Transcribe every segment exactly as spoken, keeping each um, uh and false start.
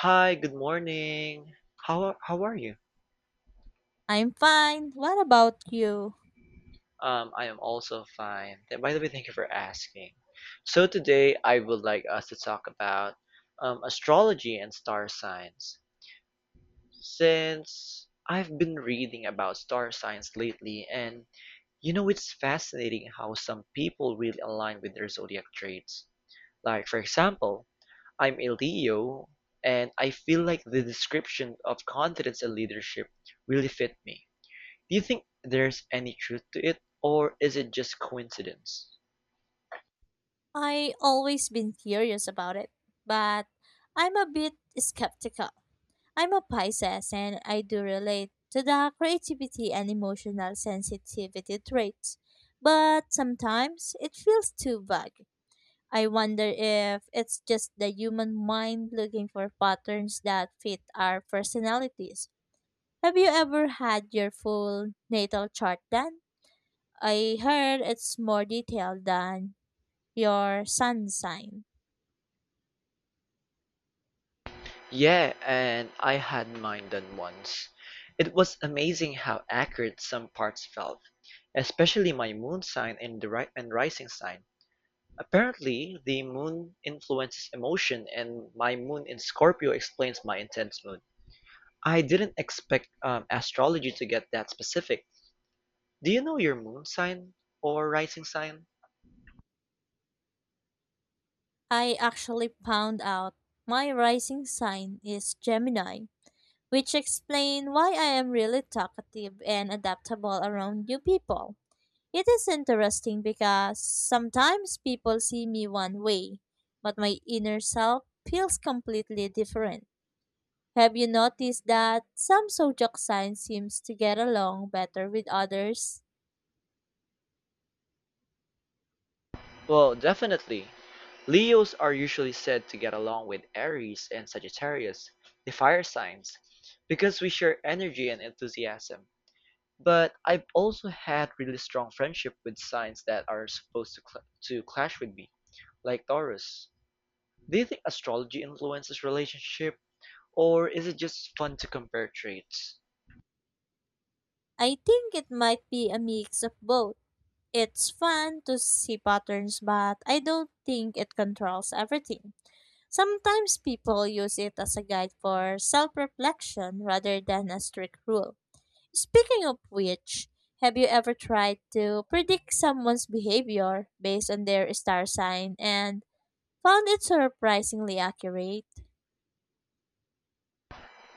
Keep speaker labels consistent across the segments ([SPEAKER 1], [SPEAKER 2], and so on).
[SPEAKER 1] Hi, good morning. How are, how are you?
[SPEAKER 2] I'm fine. What about you?
[SPEAKER 1] Um, I am also fine. Th- By the way, thank you for asking. So today I would like us to talk about um, astrology and star signs. Since I've been reading about star signs lately, and you know, it's fascinating how some people really align with their zodiac traits. Like, for example, I'm a Leo, and I feel like the description of confidence and leadership really fit me. Do you think there's any truth to it, or is it just coincidence?
[SPEAKER 2] I always been curious about it, but I'm a bit skeptical. I'm a Pisces and I do relate to the creativity and emotional sensitivity traits, but sometimes it feels too vague. I wonder if it's just the human mind looking for patterns that fit our personalities. Have you ever had your full natal chart done? I heard it's more detailed than your sun sign.
[SPEAKER 1] Yeah, and I had mine done once. It was amazing how accurate some parts felt, especially my moon sign and the ri- and rising sign. Apparently, the moon influences emotion, and my moon in Scorpio explains my intense mood. I didn't expect um, astrology to get that specific. Do you know your moon sign or rising sign?
[SPEAKER 2] I actually found out my rising sign is Gemini, which explain why I am really talkative and adaptable around new people. It is interesting because sometimes people see me one way, but my inner self feels completely different. Have you noticed that some zodiac signs seems to get along better with others?
[SPEAKER 1] Well, definitely. Leos are usually said to get along with Aries and Sagittarius, the fire signs, because we share energy and enthusiasm. But I've also had really strong friendship with signs that are supposed to cl- to clash with me, like Taurus. Do you think astrology influences relationship, or is it just fun to compare traits?
[SPEAKER 2] I think it might be a mix of both. It's fun to see patterns, but I don't think it controls everything. Sometimes people use it as a guide for self reflection rather than a strict rule. Speaking of which, have you ever tried to predict someone's behavior based on their star sign and found it surprisingly accurate?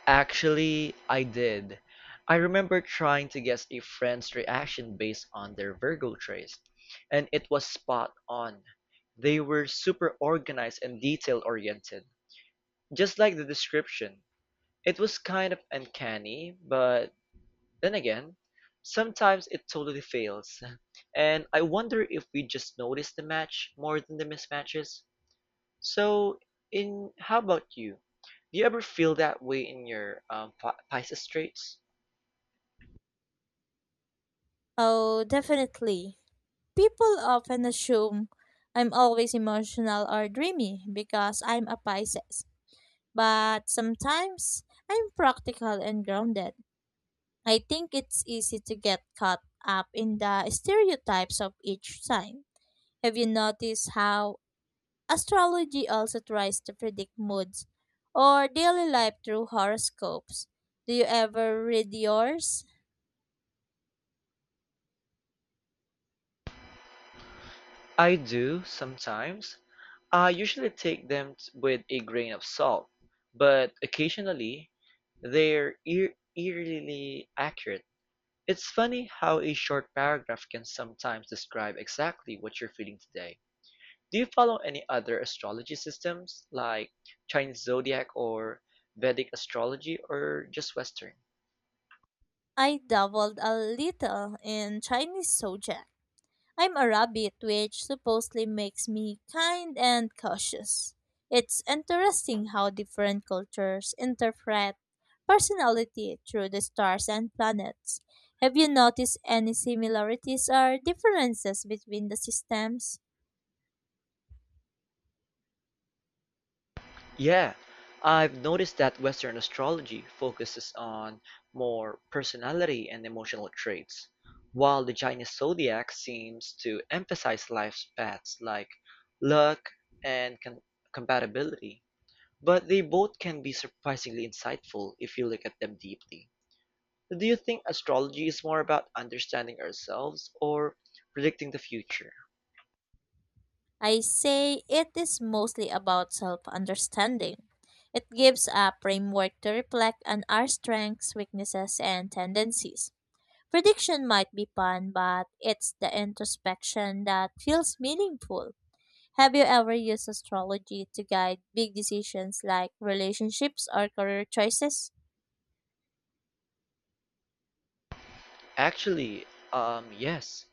[SPEAKER 1] Actually, I did. I remember trying to guess a friend's reaction based on their Virgo traits, and it was spot on. They were super organized and detail oriented, just like the description. It was kind of uncanny, but then again, sometimes it totally fails. And I wonder if we just notice the match more than the mismatches. So, in how about you? Do you ever feel that way in your um, Pi- Pisces traits?
[SPEAKER 2] Oh, definitely. People often assume I'm always emotional or dreamy because I'm a Pisces. But sometimes I'm practical and grounded. I think it's easy to get caught up in the stereotypes of each sign. Have you noticed how astrology also tries to predict moods or daily life through horoscopes? Do you ever read yours?
[SPEAKER 1] I do sometimes. I usually take them t- with a grain of salt, but occasionally they're eer eerily accurate. It's funny how a short paragraph can sometimes describe exactly what you're feeling today. Do you follow any other astrology systems like Chinese zodiac or Vedic astrology or just Western?
[SPEAKER 2] I dabbled a little in Chinese zodiac. I'm a rabbit, which supposedly makes me kind and cautious. It's interesting how different cultures interpret personality through the stars and planets. Have you noticed any similarities or differences between the systems?
[SPEAKER 1] Yeah, I've noticed that Western astrology focuses on more personality and emotional traits, while the Chinese zodiac seems to emphasize life's paths like luck and com- compatibility. But they both can be surprisingly insightful if you look at them deeply. Do you think astrology is more about understanding ourselves or predicting the future?
[SPEAKER 2] I say it is mostly about self understanding. It gives a framework to reflect on our strengths, weaknesses, and tendencies. Prediction might be fun, but it's the introspection that feels meaningful. Have you ever used astrology to guide big decisions like relationships or career choices?
[SPEAKER 1] Actually, um, yes.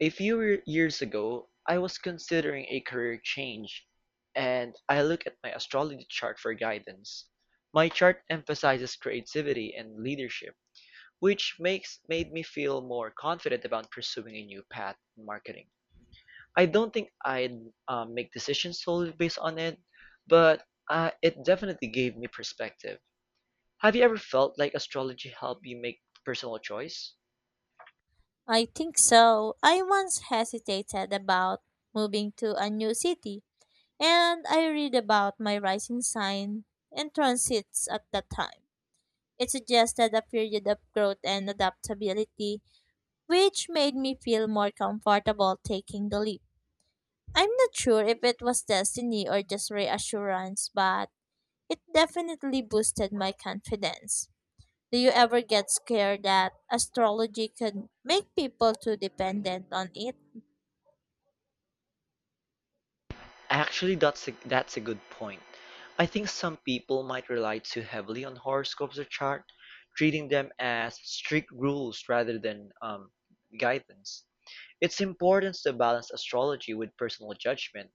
[SPEAKER 1] A few re- years ago, I was considering a career change, and I looked at my astrology chart for guidance. My chart emphasizes creativity and leadership, which makes made me feel more confident about pursuing a new path in marketing. I don't think I'd um, make decisions solely based on it, but uh, it definitely gave me perspective. Have you ever felt like astrology helped you make personal choice?
[SPEAKER 2] I think so. I once hesitated about moving to a new city, and I read about my rising sign and transits at that time. It suggested a period of growth and adaptability, which made me feel more comfortable taking the leap. I'm not sure if it was destiny or just reassurance, but it definitely boosted my confidence. Do you ever get scared that astrology could make people too dependent on it?
[SPEAKER 1] Actually, that's a, that's a good point. I think some people might rely too heavily on horoscopes or chart, treating them as strict rules rather than um, guidance. It's important to balance astrology with personal judgment,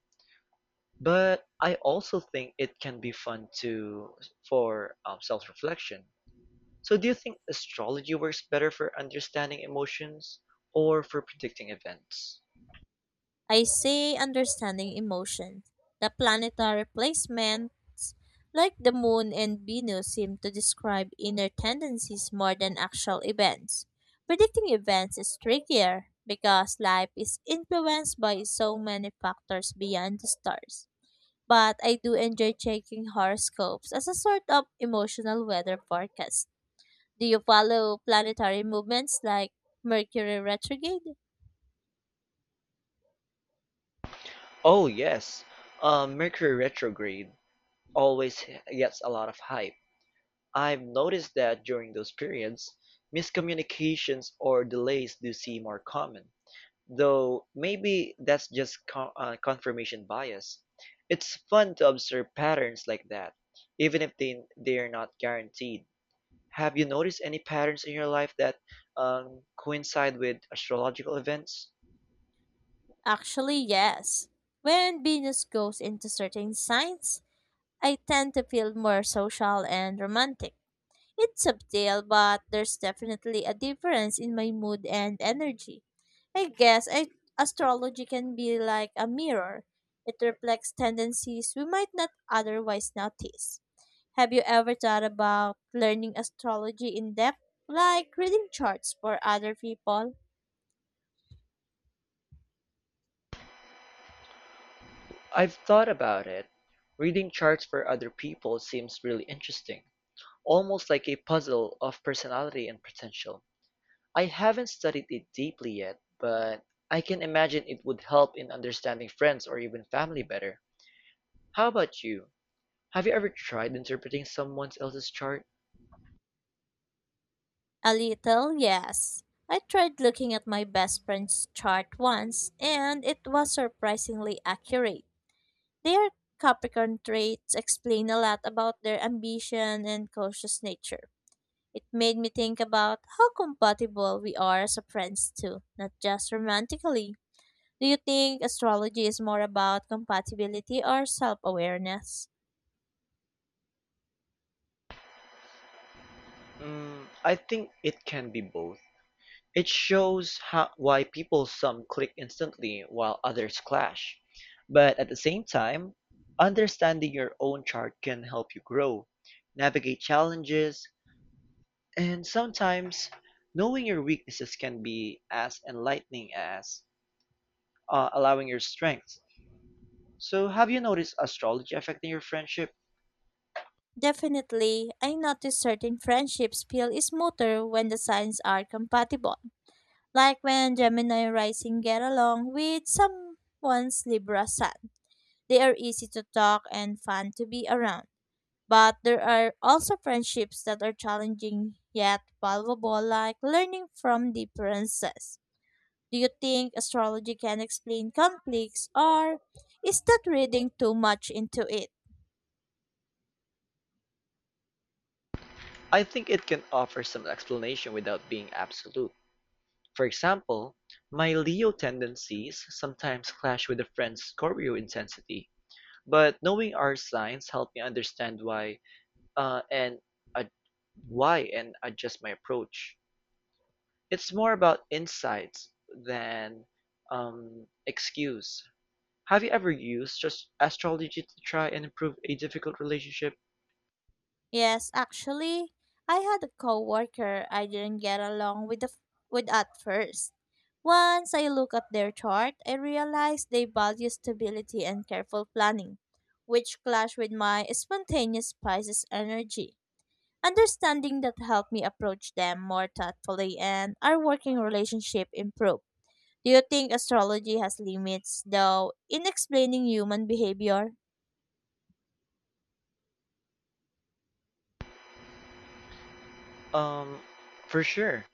[SPEAKER 1] but I also think it can be fun to for um, self-reflection. So, do you think astrology works better for understanding emotions or for predicting events?
[SPEAKER 2] I say understanding emotion. The planetary placements, like the moon and Venus, seem to describe inner tendencies more than actual events. Predicting events is trickier because life is influenced by so many factors beyond the stars. But I do enjoy checking horoscopes as a sort of emotional weather forecast. Do you follow planetary movements like Mercury retrograde?
[SPEAKER 1] Oh yes, um, Mercury retrograde always gets a lot of hype. I've noticed that during those periods, miscommunications or delays do seem more common, though maybe that's just co- uh, confirmation bias. It's fun to observe patterns like that, even if they, they're not guaranteed. Have you noticed any patterns in your life that um, coincide with astrological events?
[SPEAKER 2] Actually, yes. When Venus goes into certain signs, I tend to feel more social and romantic. It's subtle, but there's definitely a difference in my mood and energy. I guess I, Astrology can be like a mirror. It reflects tendencies we might not otherwise notice. Have you ever thought about learning astrology in depth, like reading charts for other people?
[SPEAKER 1] I've thought about it. Reading charts for other people seems really interesting, almost like a puzzle of personality and potential. I haven't studied it deeply yet, but I can imagine it would help in understanding friends or even family better. How about you? Have you ever tried interpreting someone else's chart?
[SPEAKER 2] A little, yes. I tried looking at my best friend's chart once, and it was surprisingly accurate. Their Capricorn traits explain a lot about their ambition and cautious nature. It made me think about how compatible we are as a friends too, not just romantically. Do you think astrology is more about compatibility or self-awareness?
[SPEAKER 1] Mm, I think it can be both. It shows how, why people some click instantly while others clash. But at the same time, understanding your own chart can help you grow, navigate challenges, and sometimes knowing your weaknesses can be as enlightening as uh, allowing your strengths. So, have you noticed astrology affecting your friendship?
[SPEAKER 2] Definitely, I notice certain friendships feel smoother when the signs are compatible, like when Gemini rising get along with someone's Libra sun. They are easy to talk and fun to be around. But there are also friendships that are challenging yet valuable, like learning from differences. Do you think astrology can explain conflicts, or is that reading too much into it?
[SPEAKER 1] I think it can offer some explanation without being absolute. For example, my Leo tendencies sometimes clash with a friend's Scorpio intensity, but knowing our signs help me understand why uh, and ad- why and adjust my approach. It's more about insights than um, excuse. Have you ever used just astrology to try and improve a difficult relationship?
[SPEAKER 2] Yes, actually, I had a coworker I didn't get along with the, with at first. Once I looked at their chart, I realized they value stability and careful planning, which clashed with my spontaneous Pisces energy. Understanding that helped me approach them more thoughtfully and our working relationship improved. Do you think astrology has limits though in explaining human behavior?
[SPEAKER 1] Um, for sure.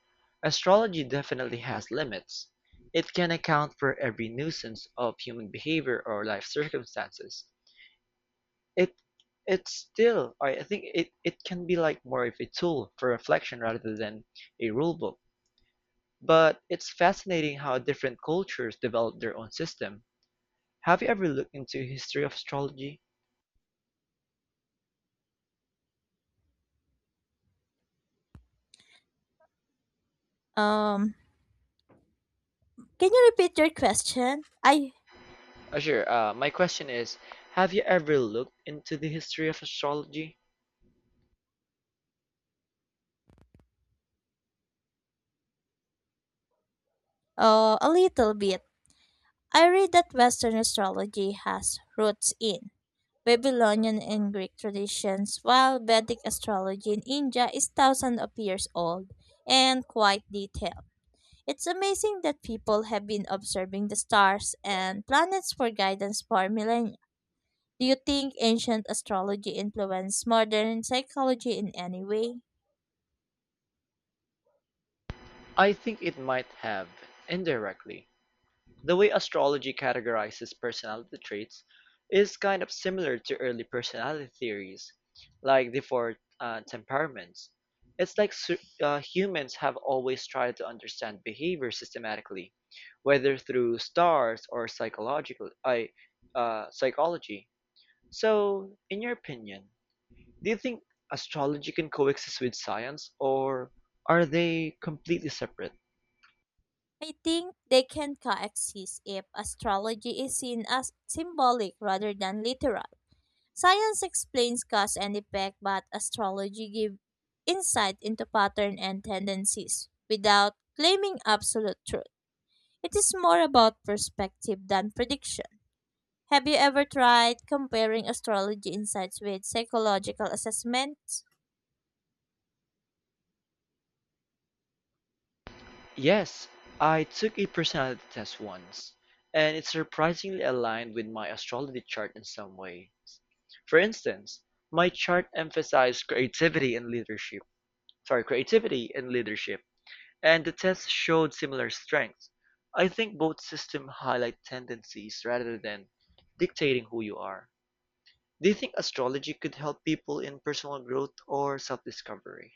[SPEAKER 1] Astrology definitely has limits. It can account for every nuisance of human behavior or life circumstances. It it's still I I think it, it can be like more of a tool for reflection rather than a rule book. But it's fascinating how different cultures develop their own system. Have you ever looked into history of astrology?
[SPEAKER 2] Um can you repeat your question? I
[SPEAKER 1] Uh, sure. Uh, my question is, have you ever looked into the history of astrology?
[SPEAKER 2] uh a little bit. I read that Western astrology has roots in Babylonian and Greek traditions, while Vedic astrology in India is thousands of years old and quite detailed. It's amazing that people have been observing the stars and planets for guidance for millennia. Do you think ancient astrology influenced modern psychology in any way?
[SPEAKER 1] I think it might have, indirectly. The way astrology categorizes personality traits is kind of similar to early personality theories, like the four uh, temperaments. It's like su- uh, humans have always tried to understand behavior systematically, whether through stars or psychological I, uh, psychology. So, in your opinion, do you think astrology can coexist with science, or are they completely separate?
[SPEAKER 2] I think they can coexist if astrology is seen as symbolic rather than literal. Science explains cause and effect, but astrology gives insight into pattern and tendencies without claiming absolute truth. It is more about perspective than prediction. Have you ever tried comparing astrology insights with psychological assessments?
[SPEAKER 1] Yes, I took a personality test once, and it surprisingly aligned with my astrology chart in some ways. For instance, my chart emphasized creativity and leadership. Sorry, creativity and leadership, and the test showed similar strengths. I think both systems highlight tendencies rather than dictating who you are. Do you think astrology could help people in personal growth or self-discovery?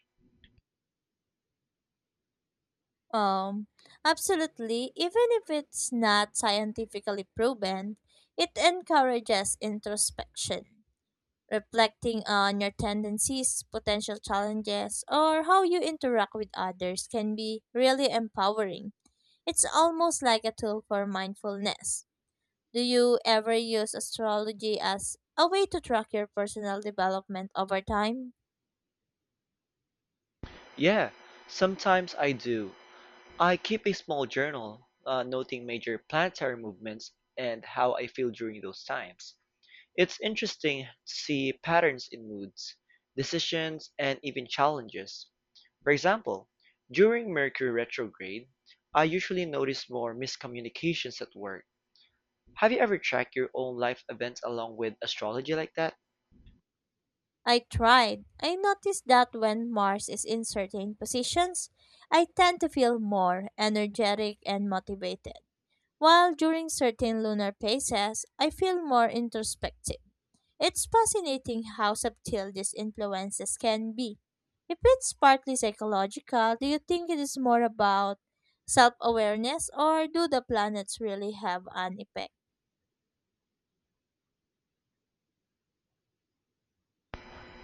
[SPEAKER 2] Um, Absolutely. Even if it's not scientifically proven, it encourages introspection. Reflecting on your tendencies, potential challenges, or how you interact with others can be really empowering. It's almost like a tool for mindfulness. Do you ever use astrology as a way to track your personal development over time?
[SPEAKER 1] Yeah, sometimes I do. I keep a small journal, uh, noting major planetary movements and how I feel during those times. It's interesting to see patterns in moods, decisions, and even challenges. For example, during Mercury retrograde, I usually notice more miscommunications at work. Have you ever tracked your own life events along with astrology like that?
[SPEAKER 2] I tried. I noticed that when Mars is in certain positions, I tend to feel more energetic and motivated, while during certain lunar phases, I feel more introspective. It's fascinating how subtle these influences can be. If it's partly psychological, do you think it is more about self awareness or do the planets really have an effect?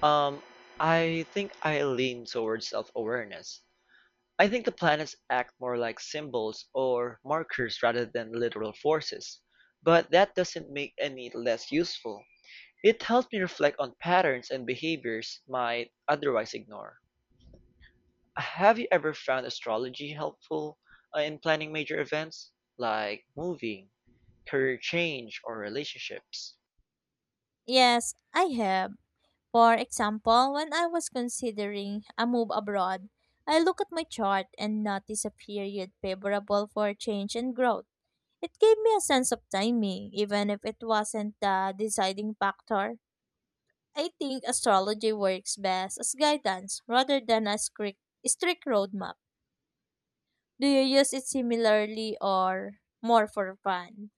[SPEAKER 1] Um, I think I lean towards self awareness. I think the planets act more like symbols or markers rather than literal forces, but that doesn't make any less useful. It helps me reflect on patterns and behaviors might otherwise ignore. Have you ever found astrology helpful uh, in planning major events like moving, career change, or relationships?
[SPEAKER 2] Yes, I have. For example, when I was considering a move abroad, I looked at my chart and noticed a period favorable for change and growth. It gave me a sense of timing, even if it wasn't the deciding factor. I think astrology works best as guidance rather than a strict, strict roadmap. Do you use it similarly or more for fun?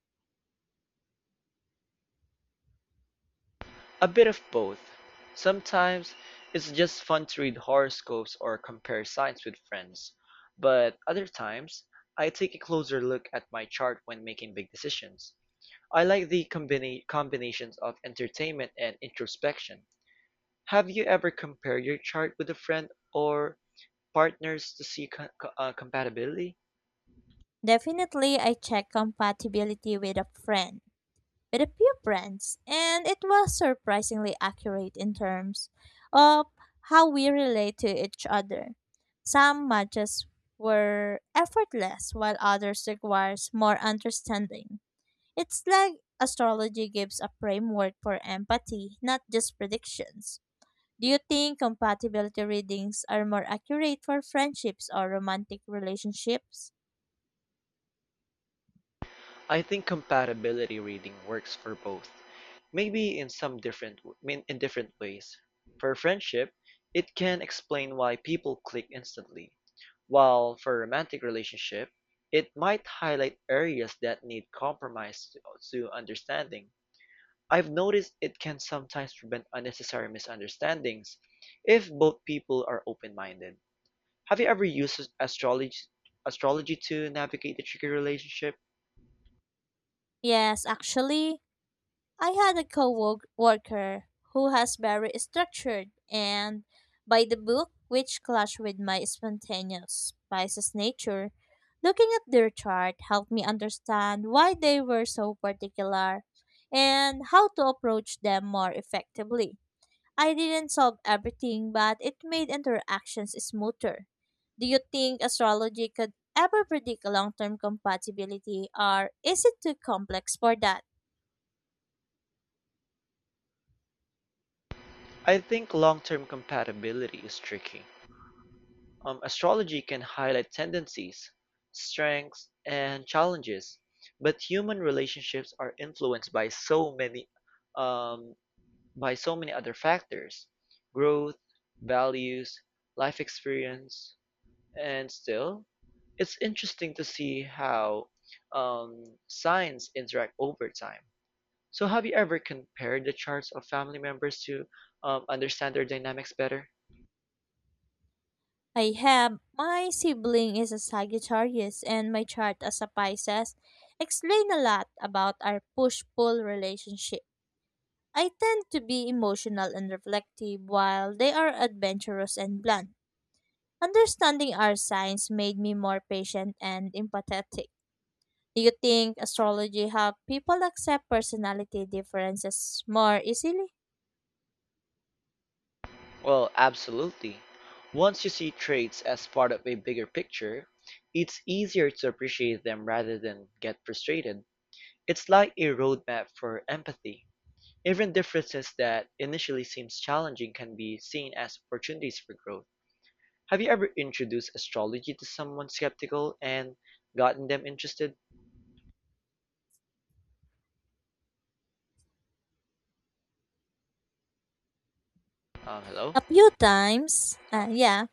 [SPEAKER 1] A bit of both. Sometimes it's just fun to read horoscopes or compare signs with friends, but other times I take a closer look at my chart when making big decisions. I like the combina- combinations of entertainment and introspection. Have you ever compared your chart with a friend or partners to see co- co- uh, compatibility?
[SPEAKER 2] Definitely, I check compatibility with a friend, with a few friends, and it was surprisingly accurate in terms of how we relate to each other. Some matches were effortless, while others requires more understanding. It's like astrology gives a framework for empathy, not just predictions. Do you think compatibility readings are more accurate for friendships or romantic relationships?
[SPEAKER 1] I think compatibility reading works for both, maybe in some different w- in different ways. For friendship, it can explain why people click instantly, while for romantic relationship, it might highlight areas that need compromise to to understanding. I've noticed it can sometimes prevent unnecessary misunderstandings if both people are open-minded. Have you ever used astrology astrology to navigate a tricky relationship?
[SPEAKER 2] Yes, actually, I had a co-worker who has very structured and by the book, which clashed with my spontaneous Pisces nature. Looking at their chart helped me understand why they were so particular and how to approach them more effectively. I didn't solve everything, but it made interactions smoother. Do you think astrology could ever predict long-term compatibility, or is it too complex for that?
[SPEAKER 1] I think long-term compatibility is tricky. Um, astrology can highlight tendencies, strengths, and challenges, but human relationships are influenced by so many um, by so many other factors: growth, values, life experience, and still, it's interesting to see how um, signs interact over time. So, have you ever compared the charts of family members to um, understand their dynamics better?
[SPEAKER 2] I have. My sibling is a Sagittarius and my chart as a Pisces explain a lot about our push-pull relationship. I tend to be emotional and reflective while they are adventurous and blunt. Understanding our signs made me more patient and empathetic. Do you think astrology help people accept personality differences more easily?
[SPEAKER 1] Well, absolutely. Once you see traits as part of a bigger picture, it's easier to appreciate them rather than get frustrated. It's like a roadmap for empathy. Even differences that initially seems challenging can be seen as opportunities for growth. Have you ever introduced astrology to someone skeptical and gotten them interested? Um, hello?
[SPEAKER 2] A few times.
[SPEAKER 1] Oh.
[SPEAKER 2] Uh, yeah,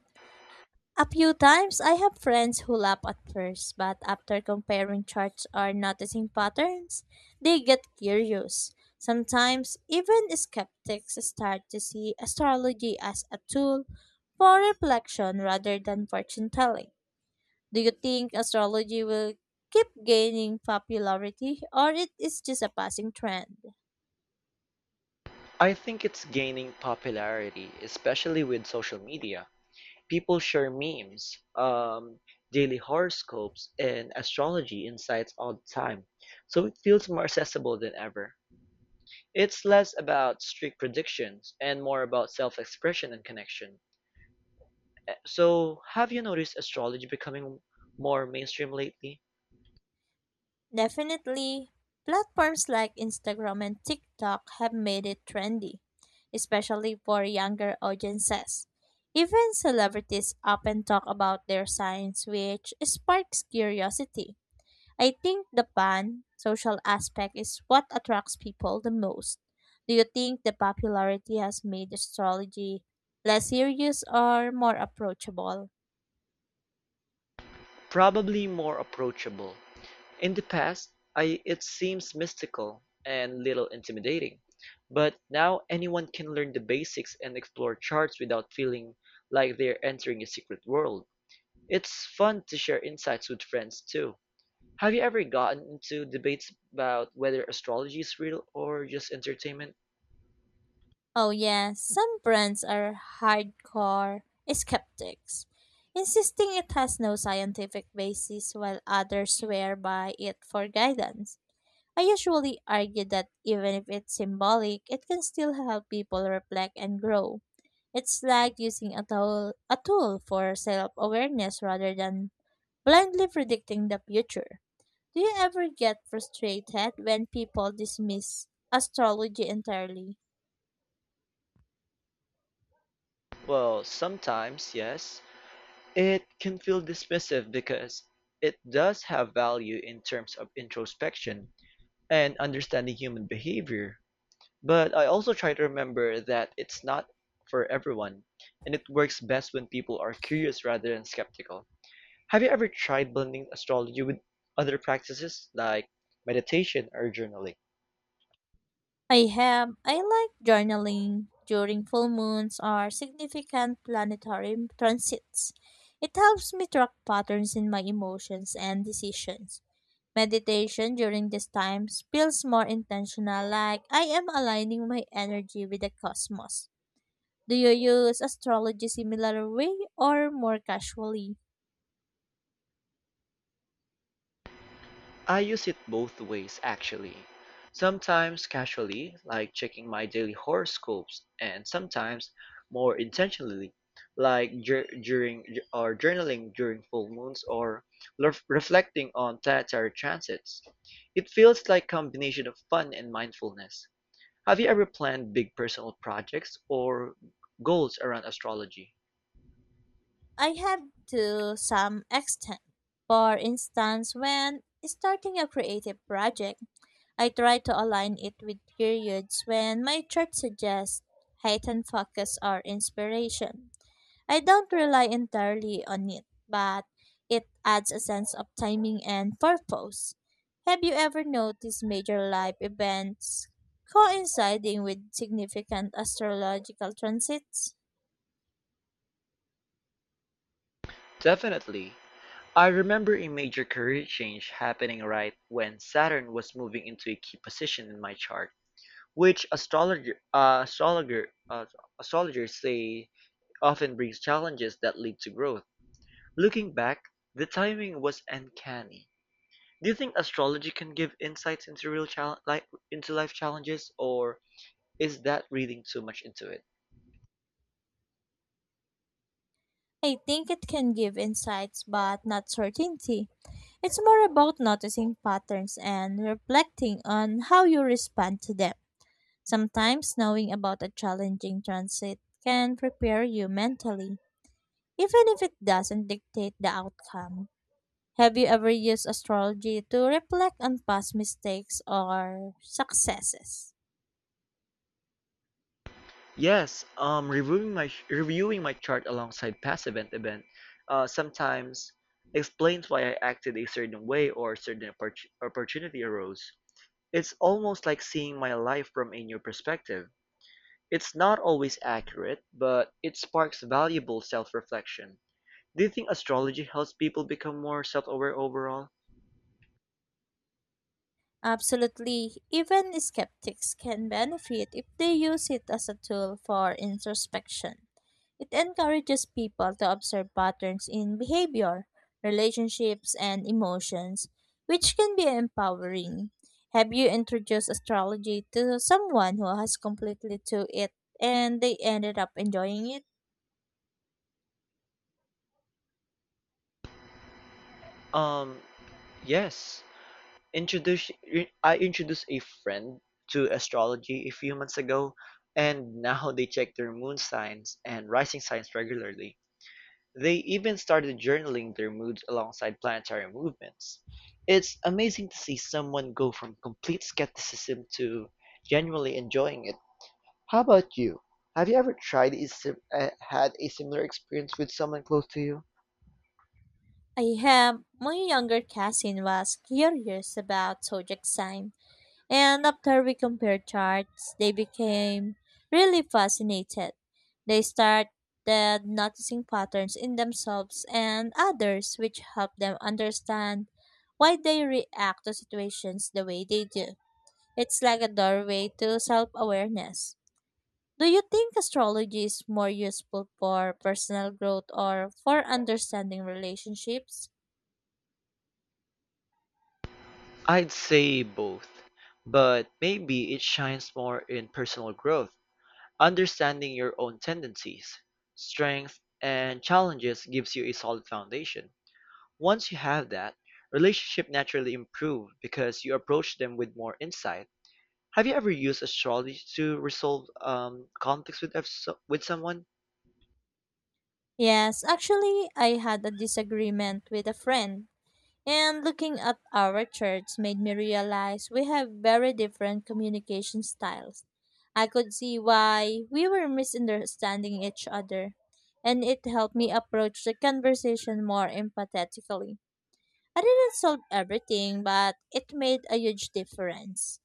[SPEAKER 2] a few times. I have friends who laugh at first, but after comparing charts or noticing patterns, they get curious. Sometimes even skeptics start to see astrology as a tool for reflection rather than fortune telling. Do you think astrology will keep gaining popularity or it is just a passing trend?
[SPEAKER 1] I think it's gaining popularity, especially with social media. People share memes, um, daily horoscopes, and astrology insights all the time, so it feels more accessible than ever. It's less about strict predictions and more about self expression and connection. Eh, So, have you noticed astrology becoming more mainstream lately?
[SPEAKER 2] Definitely, platforms like Instagram and TikTok have made it trendy, especially for younger audiences. Even celebrities often talk about their signs, which sparks curiosity. I think the fun, social aspect is what attracts people the most. Do you think the popularity has made astrology less serious or more approachable?
[SPEAKER 1] Probably more approachable. In the past, I it seems mystical and little intimidating, but now anyone can learn the basics and explore charts without feeling like they're entering a secret world. It's fun to share insights with friends too. Have you ever gotten into debates about whether astrology is real or just entertainment?
[SPEAKER 2] Oh yeah, some brands are hardcore skeptics, insisting it has no scientific basis while others swear by it for guidance. I usually argue that even if it's symbolic, it can still help people reflect and grow. It's like using a tool, a tool for self-awareness rather than blindly predicting the future. Do you ever get frustrated when people dismiss astrology entirely?
[SPEAKER 1] Well, sometimes, yes. It can feel dismissive because it does have value in terms of introspection and understanding human behavior. But I also try to remember that it's not for everyone, and it works best when people are curious rather than skeptical. Have you ever tried blending astrology with other practices like meditation or journaling?
[SPEAKER 2] I have. I like journaling during full moons or significant planetary transits. It helps me track patterns in my emotions and decisions. Meditation during these times feels more intentional, like I am aligning my energy with the cosmos. Do you use astrology similar way or more casually?
[SPEAKER 1] I use it both ways actually. Sometimes casually, like checking my daily horoscopes, and sometimes more intentionally, like dur- during or journaling during full moons or lef- reflecting on planetary transits. It feels like combination of fun and mindfulness. Have you ever planned big personal projects or goals around astrology?
[SPEAKER 2] I have to some extent. For instance, when starting a creative project, I try to align it with periods when my chart suggests heightened focus or inspiration. I don't rely entirely on it, but it adds a sense of timing and purpose. Have you ever noticed major life events coinciding with significant astrological transits?
[SPEAKER 1] Definitely. I remember a major career change happening right when Saturn was moving into a key position in my chart, which astrologer, uh, astrologer, uh, astrologers say often brings challenges that lead to growth. Looking back, the timing was uncanny. Do you think astrology can give insights into real chal- like into life challenges, or is that reading too much into it?
[SPEAKER 2] I think it can give insights but not certainty. It's more about noticing patterns and reflecting on how you respond to them. Sometimes knowing about a challenging transit can prepare you mentally, even if it doesn't dictate the outcome. Have you ever used astrology to reflect on past mistakes or successes?
[SPEAKER 1] Yes, um, reviewing my reviewing my chart alongside past event event uh, sometimes explains why I acted a certain way or certain oppor- opportunity arose. It's almost like seeing my life from a new perspective. It's not always accurate, but it sparks valuable self-reflection. Do you think astrology helps people become more self-aware overall?
[SPEAKER 2] Absolutely. Even skeptics can benefit if they use it as a tool for introspection. It encourages people to observe patterns in behavior, relationships, and emotions, which can be empowering. Have you introduced astrology to someone who has completely to it and they ended up enjoying it?
[SPEAKER 1] Um, yes. Introduce I introduced a friend to astrology a few months ago, and now they check their moon signs and rising signs regularly. They even started journaling their moods alongside planetary movements. It's amazing to see someone go from complete skepticism to genuinely enjoying it. How about you? Have you ever tried a sim- uh, had a similar experience with someone close to you?
[SPEAKER 2] I have. My younger cousin was curious about zodiac sign. And after we compared charts, they became really fascinated. They started noticing patterns in themselves and others, which helped them understand why they react to situations the way they do. It's like a doorway to self awareness. Do you think astrology is more useful for personal growth or for understanding relationships?
[SPEAKER 1] I'd say both, but maybe it shines more in personal growth. Understanding your own tendencies, strengths, and challenges gives you a solid foundation. Once you have that, relationships naturally improve because you approach them with more insight. Have you ever used astrology to resolve um, conflicts with, with someone?
[SPEAKER 2] Yes, actually, I had a disagreement with a friend. And looking at our church made me realize we have very different communication styles. I could see why we were misunderstanding each other, and it helped me approach the conversation more empathetically. I didn't solve everything, but it made a huge difference.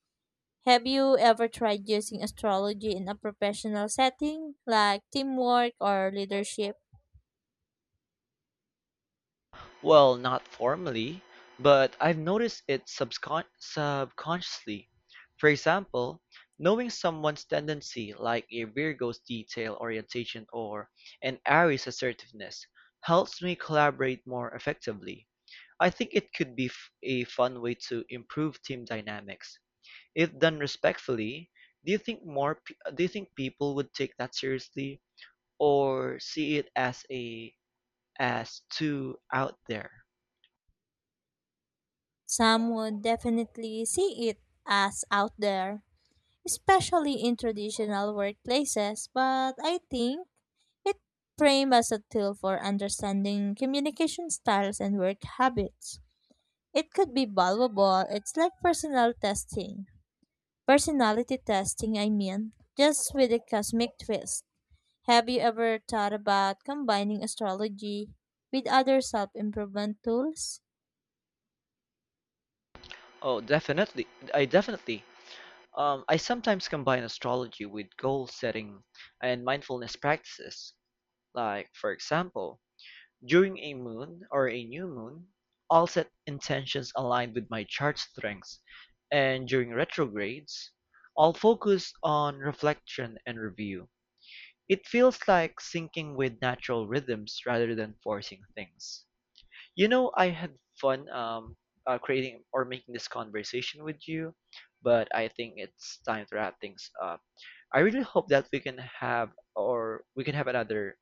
[SPEAKER 2] Have you ever tried using astrology in a professional setting, like teamwork or leadership?
[SPEAKER 1] Well, not formally, but I've noticed it subcon subconsciously. For example, knowing someone's tendency, like a Virgo's detail orientation or an Aries assertiveness, helps me collaborate more effectively. I think it could be f- a fun way to improve team dynamics. If done respectfully, do you think more p- do you think people would take that seriously or see it as a as too out there?
[SPEAKER 2] Some would definitely see it as out there, especially in traditional workplaces, but I think it framed as a tool for understanding communication styles and work habits. It could be valuable. It's like personal testing. Personality testing, I mean, just with a cosmic twist. Have you ever thought about combining astrology with other self improvement tools?
[SPEAKER 1] Oh, definitely. I definitely. Um, I sometimes combine astrology with goal setting and mindfulness practices. Like, for example, during a moon or a new moon, I'll set intentions aligned with my chart strengths. And during retrogrades, I'll focus on reflection and review. It feels like syncing with natural rhythms rather than forcing things. You know, I had fun um, uh, creating or making this conversation with you, but I think it's time to wrap things up. I really hope that we can have or we can have another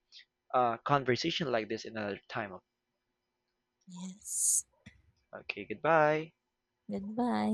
[SPEAKER 1] uh, conversation like this another time.
[SPEAKER 2] Yes.
[SPEAKER 1] Okay, goodbye.
[SPEAKER 2] Goodbye.